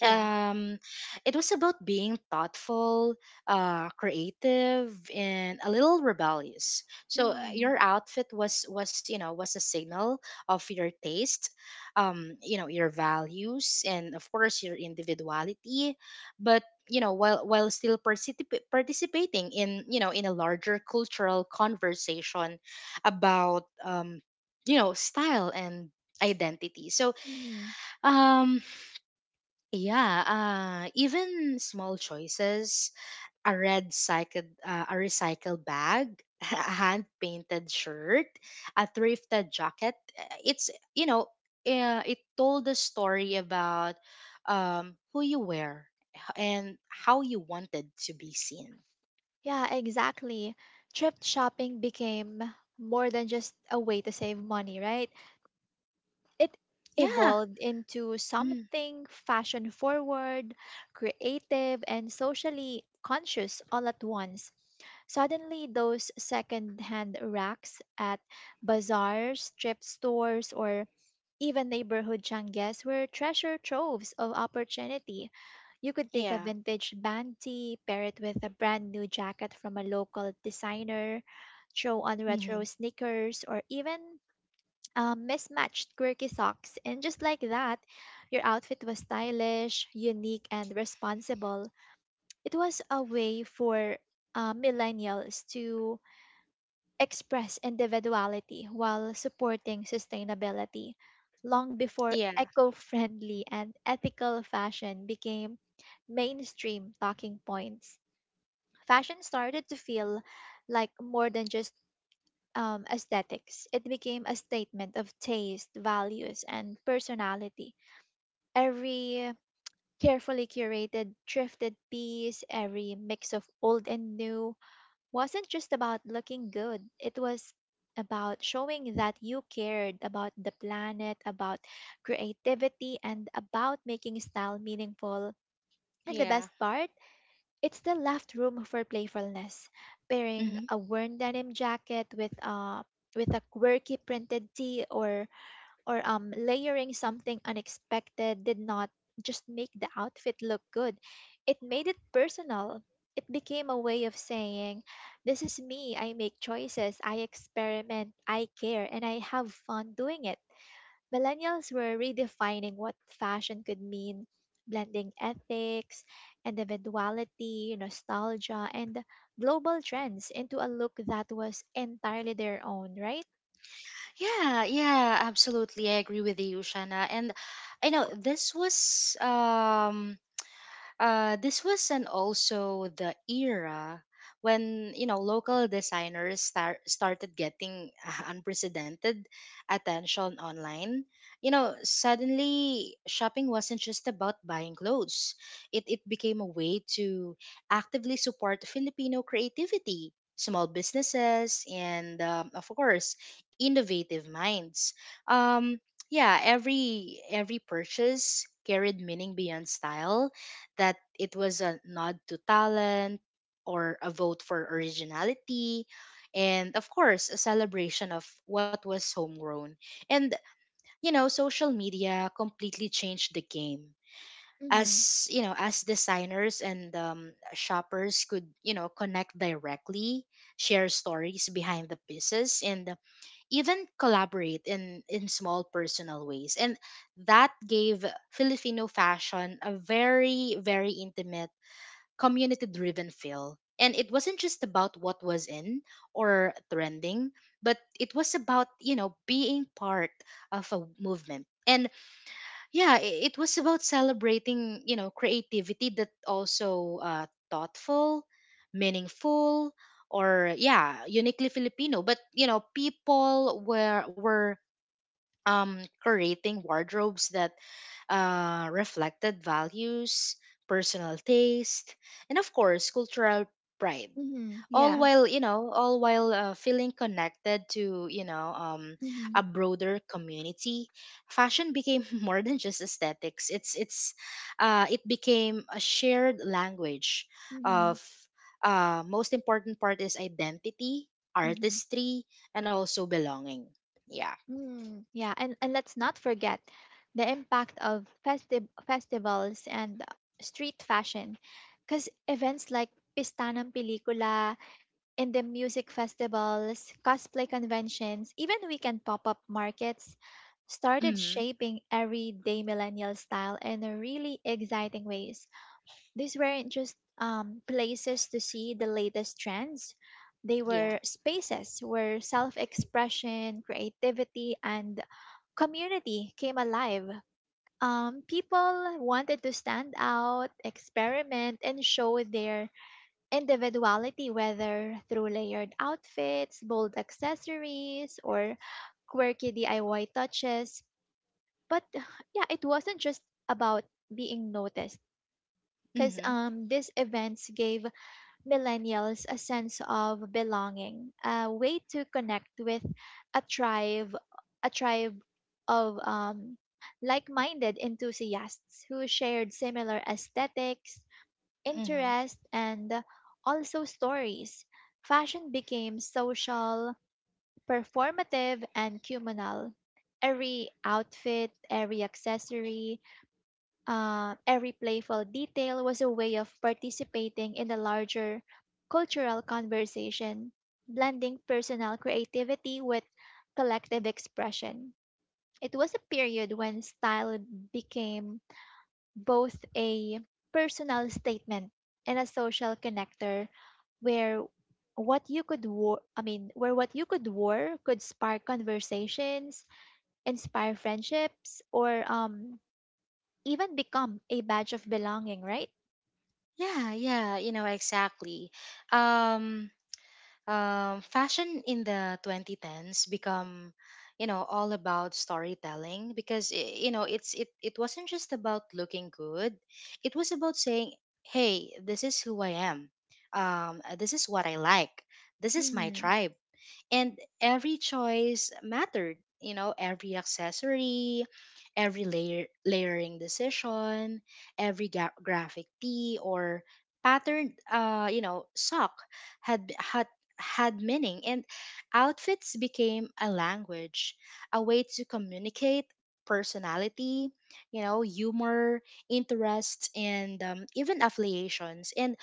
S1: Yeah.
S2: it was about being thoughtful, creative, and a little rebellious. So
S1: Mm,
S2: your outfit was you know was a signal of your taste, you know your values, and of course your individuality. But you know while still participating in you know in a larger cultural conversation about you know style and identity. So
S1: mm.
S2: um yeah, even small choices, a recycled bag, a hand painted shirt, a thrifted jacket. It's You know, it told a story about who you were and how you wanted to be seen.
S1: Yeah, exactly. Thrift shopping became more than just a way to save money, right? It
S2: Yeah.
S1: evolved into
S2: Mm,
S1: something fashion forward, creative, and socially conscious all at once. Suddenly, those second hand racks at bazaars, thrift stores, or even neighborhood changes were treasure troves of opportunity. You could take a
S2: yeah.
S1: vintage banty, pair it with a brand new jacket from a local designer, throw on
S2: Mm-hmm.
S1: retro sneakers, or even mismatched quirky socks, and just like that, your outfit was stylish, unique, and responsible. It was a way for millennials to express individuality while supporting sustainability. Long before
S2: Yeah,
S1: eco friendly and ethical fashion became mainstream talking points, fashion started to feel like more than just aesthetics. It became a statement of taste, values, and personality. Every carefully curated, thrifted piece, every mix of old and new wasn't just about looking good, it was about showing that you cared about the planet, about creativity, and about making style meaningful. And the
S2: yeah.
S1: best part, it still left room for playfulness. Pairing
S2: Mm-hmm.
S1: a worn denim jacket with a quirky printed tee or layering something unexpected did not just make the outfit look good. It made it personal. It became a way of saying, "This is me. I make choices. I experiment. I care. And I have fun doing it." Millennials were redefining what fashion could mean, blending ethics, individuality, nostalgia, and global trends into a look that was entirely their own, right?
S2: Yeah, yeah, absolutely. I agree with you, Shana. And I know this was and also the era when you know local designers started getting unprecedented attention online. You know, suddenly shopping wasn't just about buying clothes. It became a way to actively support Filipino creativity, small businesses, and of course innovative minds. um, yeah, every purchase carried meaning beyond style, that it was a nod to talent or a vote for originality and of course a celebration of what was homegrown. And you know social media completely changed the game
S1: Mm-hmm.
S2: as you know as designers and shoppers could you know connect directly, share stories behind the pieces, and even collaborate in small personal ways. And that gave Filipino fashion a very very intimate, community driven feel. And it wasn't just about what was in or trending, but it was about, you know, being part of a movement. And yeah, it was about celebrating, you know, creativity that also thoughtful, meaningful, or yeah, uniquely Filipino. But you know, people were curating wardrobes that reflected values, personal taste, and of course, cultural pride.
S1: Mm-hmm.
S2: All
S1: Yeah.
S2: while, you know, all while feeling connected to, you know,
S1: Mm-hmm.
S2: a broader community, fashion became more than just aesthetics. It became a shared language of,
S1: Mm-hmm.
S2: most important part is identity,
S1: Mm-hmm.
S2: artistry, and also belonging. Yeah.
S1: Mm, yeah, and let's not forget the impact of festivals and street fashion because events like Pistanang Pelikula, in the music festivals, cosplay conventions, even weekend pop up markets started
S2: hmm
S1: shaping everyday millennial style in a really exciting ways. These weren't just places to see the latest trends, they
S2: Yeah.
S1: were spaces where self expression, creativity, and community came alive. People wanted to stand out, experiment, and show their individuality, whether through layered outfits, bold accessories, or quirky DIY touches. But yeah, it wasn't just about being noticed because
S2: Mm-hmm.
S1: these events gave millennials a sense of belonging, a way to connect with a tribe, a tribe of like-minded enthusiasts who shared similar aesthetics,
S2: Mm-hmm.
S1: interest, and also stories. Fashion became social, performative, and communal. Every outfit, every accessory, every playful detail was a way of participating in the larger cultural conversation, blending personal creativity with collective expression. It was a period when style became both a personal statement and a social connector where what you could war could spark conversations, inspire friendships, or even become a badge of belonging, right?
S2: Yeah, yeah, you know, exactly. Um, Fashion in the 2010s become, you know, all about storytelling because you know, it wasn't just about looking good. It was about saying, "Hey, this is who I am. This is what I like. This is my
S1: Mm.
S2: tribe." And every choice mattered, you know, every accessory, every layering decision, every graphic tee or patterned you know sock had had meaning. And outfits became a language, a way to communicate personality, you know, humor, interests, and even affiliations, and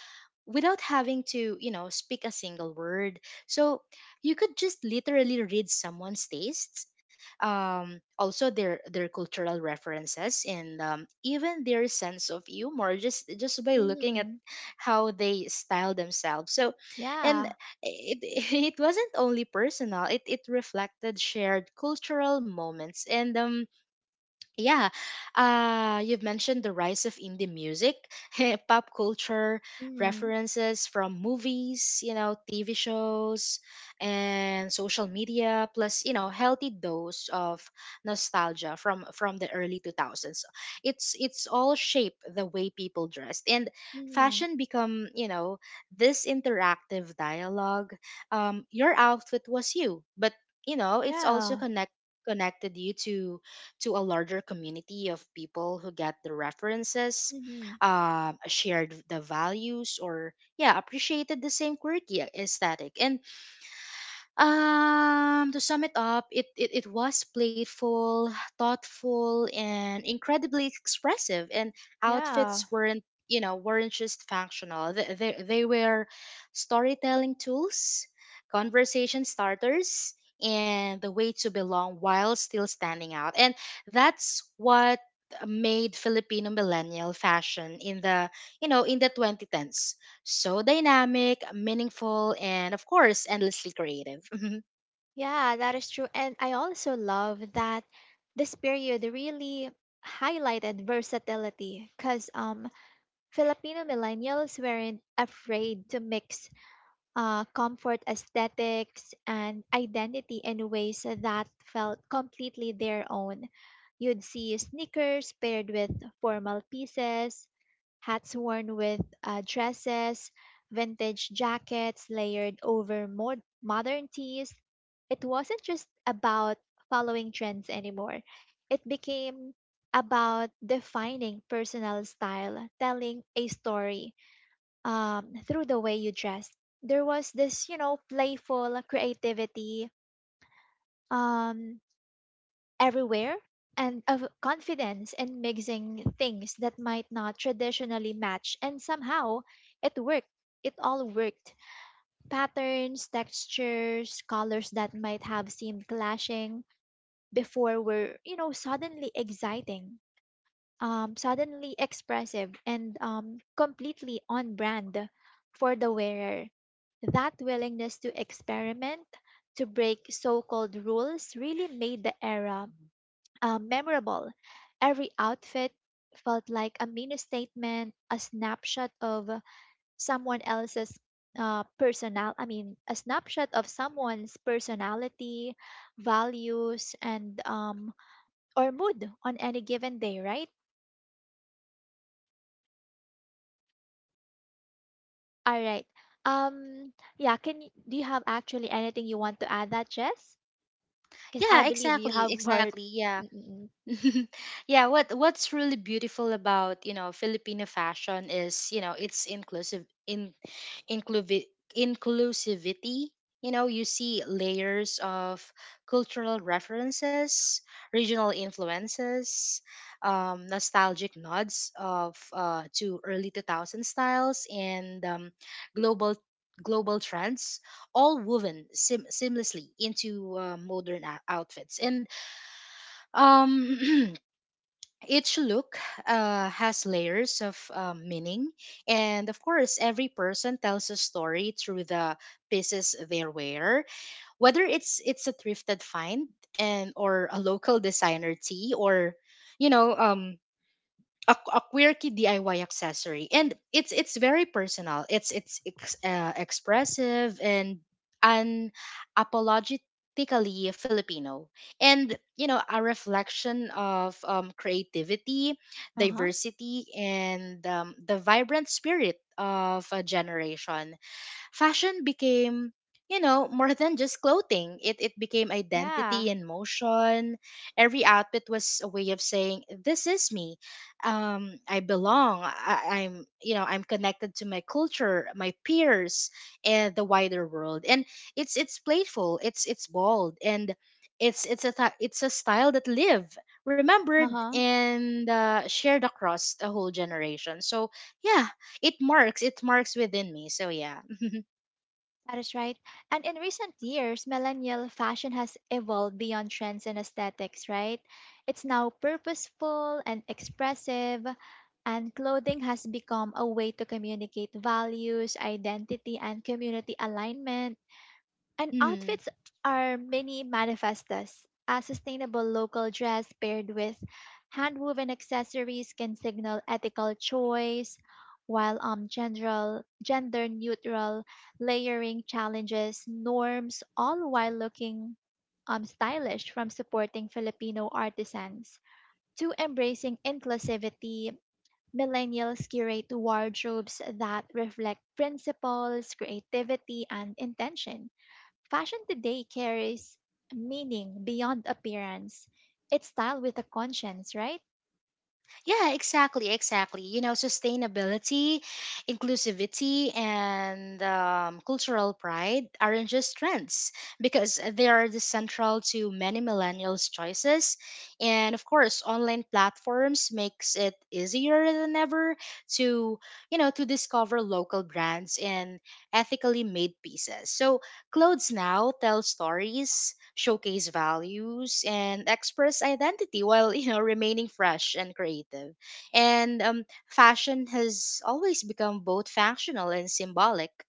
S2: without having to you know speak a single word. So you could just literally read someone's tastes, also their cultural references, and even their sense of humor, just by looking at
S1: Mhm.
S2: how they style themselves. So and
S1: Yeah.
S2: it, it wasn't only personal, it reflected shared cultural moments. And yeah, you've mentioned the rise of indie music, pop culture
S1: Mhm.
S2: references from movies, you know, TV shows, and social media, plus you know, healthy dose of nostalgia from the early 2000s. It's all shape the way people dressed, and
S1: Mhm.
S2: fashion become you know this interactive dialogue. Your outfit was you, but you know, it's also
S1: Yeah.
S2: connect connected you to a larger community of people who get the references,
S1: Mhm.
S2: shared the values, or yeah, appreciated the same quirky aesthetic. And to sum it up, it was playful, thoughtful, and incredibly expressive. And
S1: Yeah.
S2: outfits weren't, you know, weren't just functional. They were storytelling tools, conversation starters, and the way to belong while still standing out. And that's what made Filipino millennial fashion in the, you know, in the 2010s so dynamic, meaningful, and of course, endlessly creative.
S1: Yeah, that is true. And I also love that this period really highlighted versatility because Filipino millennials weren't afraid to mix comfort aesthetics and identity in ways that felt completely their own. You'd see sneakers paired with formal pieces, hats worn with dresses, vintage jackets layered over modern tees. It wasn't just about following trends anymore, it became about defining personal style, telling a story through the way you dressed. There was this, you know, playful creativity um, everywhere and of confidence in mixing things that might not traditionally match. And somehow it worked. It all worked. Patterns, textures, colors that might have seemed clashing before were, you know, suddenly exciting, suddenly expressive and completely on brand for the wearer. That willingness to experiment, to break so called rules, really made the era memorable. Every outfit felt like a mini statement, a snapshot of someone else's. Personal I mean a snapshot of someone's personality, values, and or mood on any given day, right? All right. Um, yeah, can you, do you have actually anything you want to add that, Jess? Because I
S2: Yeah,
S1: believe you
S2: exactly,
S1: have more.
S2: exactly. Yeah,
S1: Mm, mm, mm.
S2: yeah, what's really beautiful about, you know, Filipino fashion is, you know, it's inclusive in inclusive inclusivity. You know, you see layers of cultural references, regional influences, nostalgic nods of to early 2000 styles, and global global trends, all woven seamlessly into modern outfits. And um each look has layers of meaning, and of course every person tells a story through the pieces they wear, whether it's a thrifted find and or a local designer tee or you know a quirky DIY accessory. And it's very personal. It's expressive and unapologetically Filipino, and you know a reflection of creativity,
S1: Uh-huh.
S2: diversity, and the vibrant spirit of a generation. Fashion became you know more than just clothing. It became identity
S1: Yeah.
S2: in motion. Every outfit was a way of saying this is me. I belong. I'm, you know, I'm connected to my culture, my peers, and the wider world. And it's playful, it's bold, and it's a style that live, remembered,
S1: Uh-huh.
S2: and shared across a whole generation. So yeah, it marks within me. So yeah.
S1: That is right. And in recent years, millennial fashion has evolved beyond trends and aesthetics, right? It's now purposeful and expressive, and clothing has become a way to communicate values, identity, and community alignment. And
S2: Mhm.
S1: outfits are many manifestas. A sustainable local dress paired with handwoven accessories can signal ethical choice, while general gender neutral layering challenges norms all while looking stylish, from supporting Filipino artisans to embracing inclusivity. Millennials curate wardrobes that reflect principles, creativity, and intention. Fashion today carries meaning beyond appearance. It's style with a conscience, right?
S2: Yeah, exactly, exactly. You know, sustainability, inclusivity, and cultural pride aren't just trends because they are the central to many millennials' choices. And of course, online platforms makes it easier than ever to, you know, to discover local brands and ethically made pieces. So clothes now tell stories, showcase values, and express identity while you know remaining fresh and creative. And fashion has always become both functional and symbolic.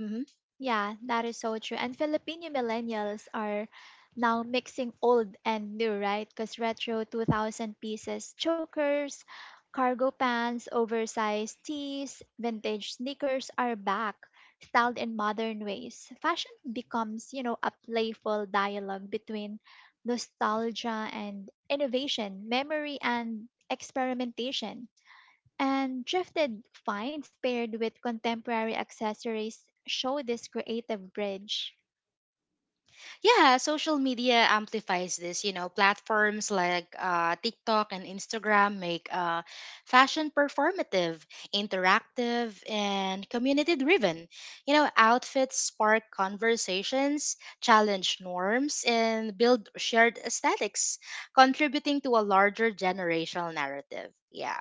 S2: Mm-hmm.
S1: Yeah, that is so true. And Filipino millennials are now mixing old and new, right? Because retro 2000 pieces, chokers, cargo pants, oversized tees, vintage sneakers are back, styled in modern ways. Fashion becomes, you know, a playful dialogue between nostalgia and innovation, memory and experimentation. And drifted finds paired with contemporary accessories show this creative bridge.
S2: Yeah, social media amplifies this. You know, platforms like TikTok and Instagram make fashion performative, interactive, and community driven. You know, outfits spark conversations, challenge norms, and build shared aesthetics, contributing to a larger generational narrative. Yeah.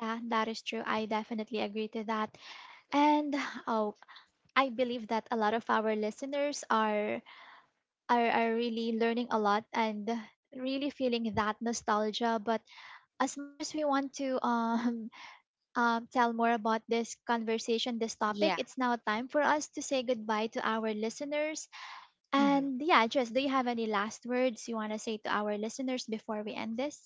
S1: Yeah, that is true. I definitely agree to that. And oh, I believe that a lot of our listeners are really learning a lot and really feeling that nostalgia. But as much as we want to tell more about this conversation, this topic,
S2: Yeah.
S1: it's now time for us to say goodbye to our listeners.
S2: Mhm.
S1: And yeah, Jess, do you have any last words you want to say to our listeners before we end this?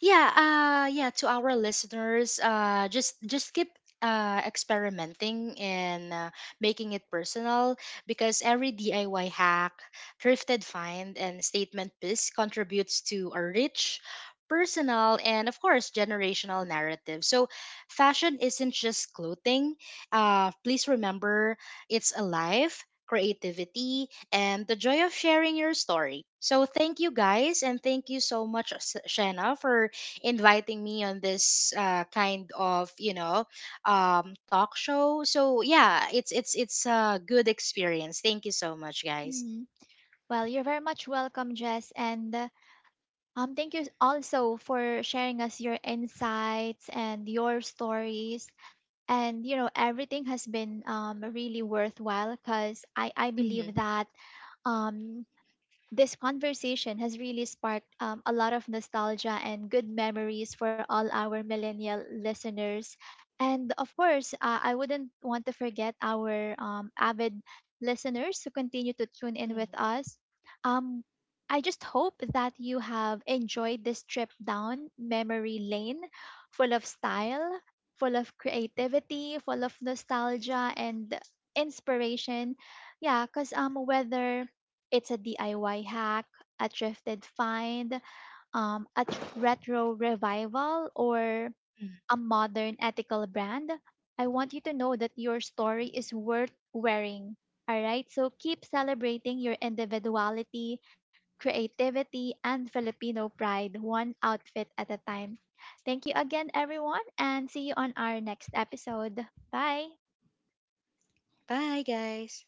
S2: Yeah, yeah, to our listeners, just keep experimenting and making it personal, because every DIY hack, thrifted find, and statement piece contributes to a rich personal and of course generational narrative. So fashion isn't just clothing. Uh, please remember it's a life, creativity, and the joy of sharing your story. So thank you guys, and thank you so much, Shanna, for inviting me on this kind of you know talk show. So yeah, it's it's a good experience. Thank you so much, guys.
S1: Hmm. Well, you're very much welcome, Jess. And thank you also for sharing us your insights and your stories. And, you know, everything has been really worthwhile because I believe
S2: Hmm
S1: that um, this conversation has really sparked a lot of nostalgia and good memories for all our millennial listeners. And of course, I wouldn't want to forget our avid listeners who continue to tune in with us. Um, I just hope that you have enjoyed this trip down memory lane full of style, full of creativity, full of nostalgia and inspiration. Yeah, because whether it's a DIY hack, a thrifted find, a retro revival, or a modern ethical brand, I want you to know that your story is worth wearing. All right, so keep celebrating your individuality, creativity, and Filipino pride, one outfit at a time. Thank you again, everyone, and see you on our next episode. Bye.
S2: Bye, guys.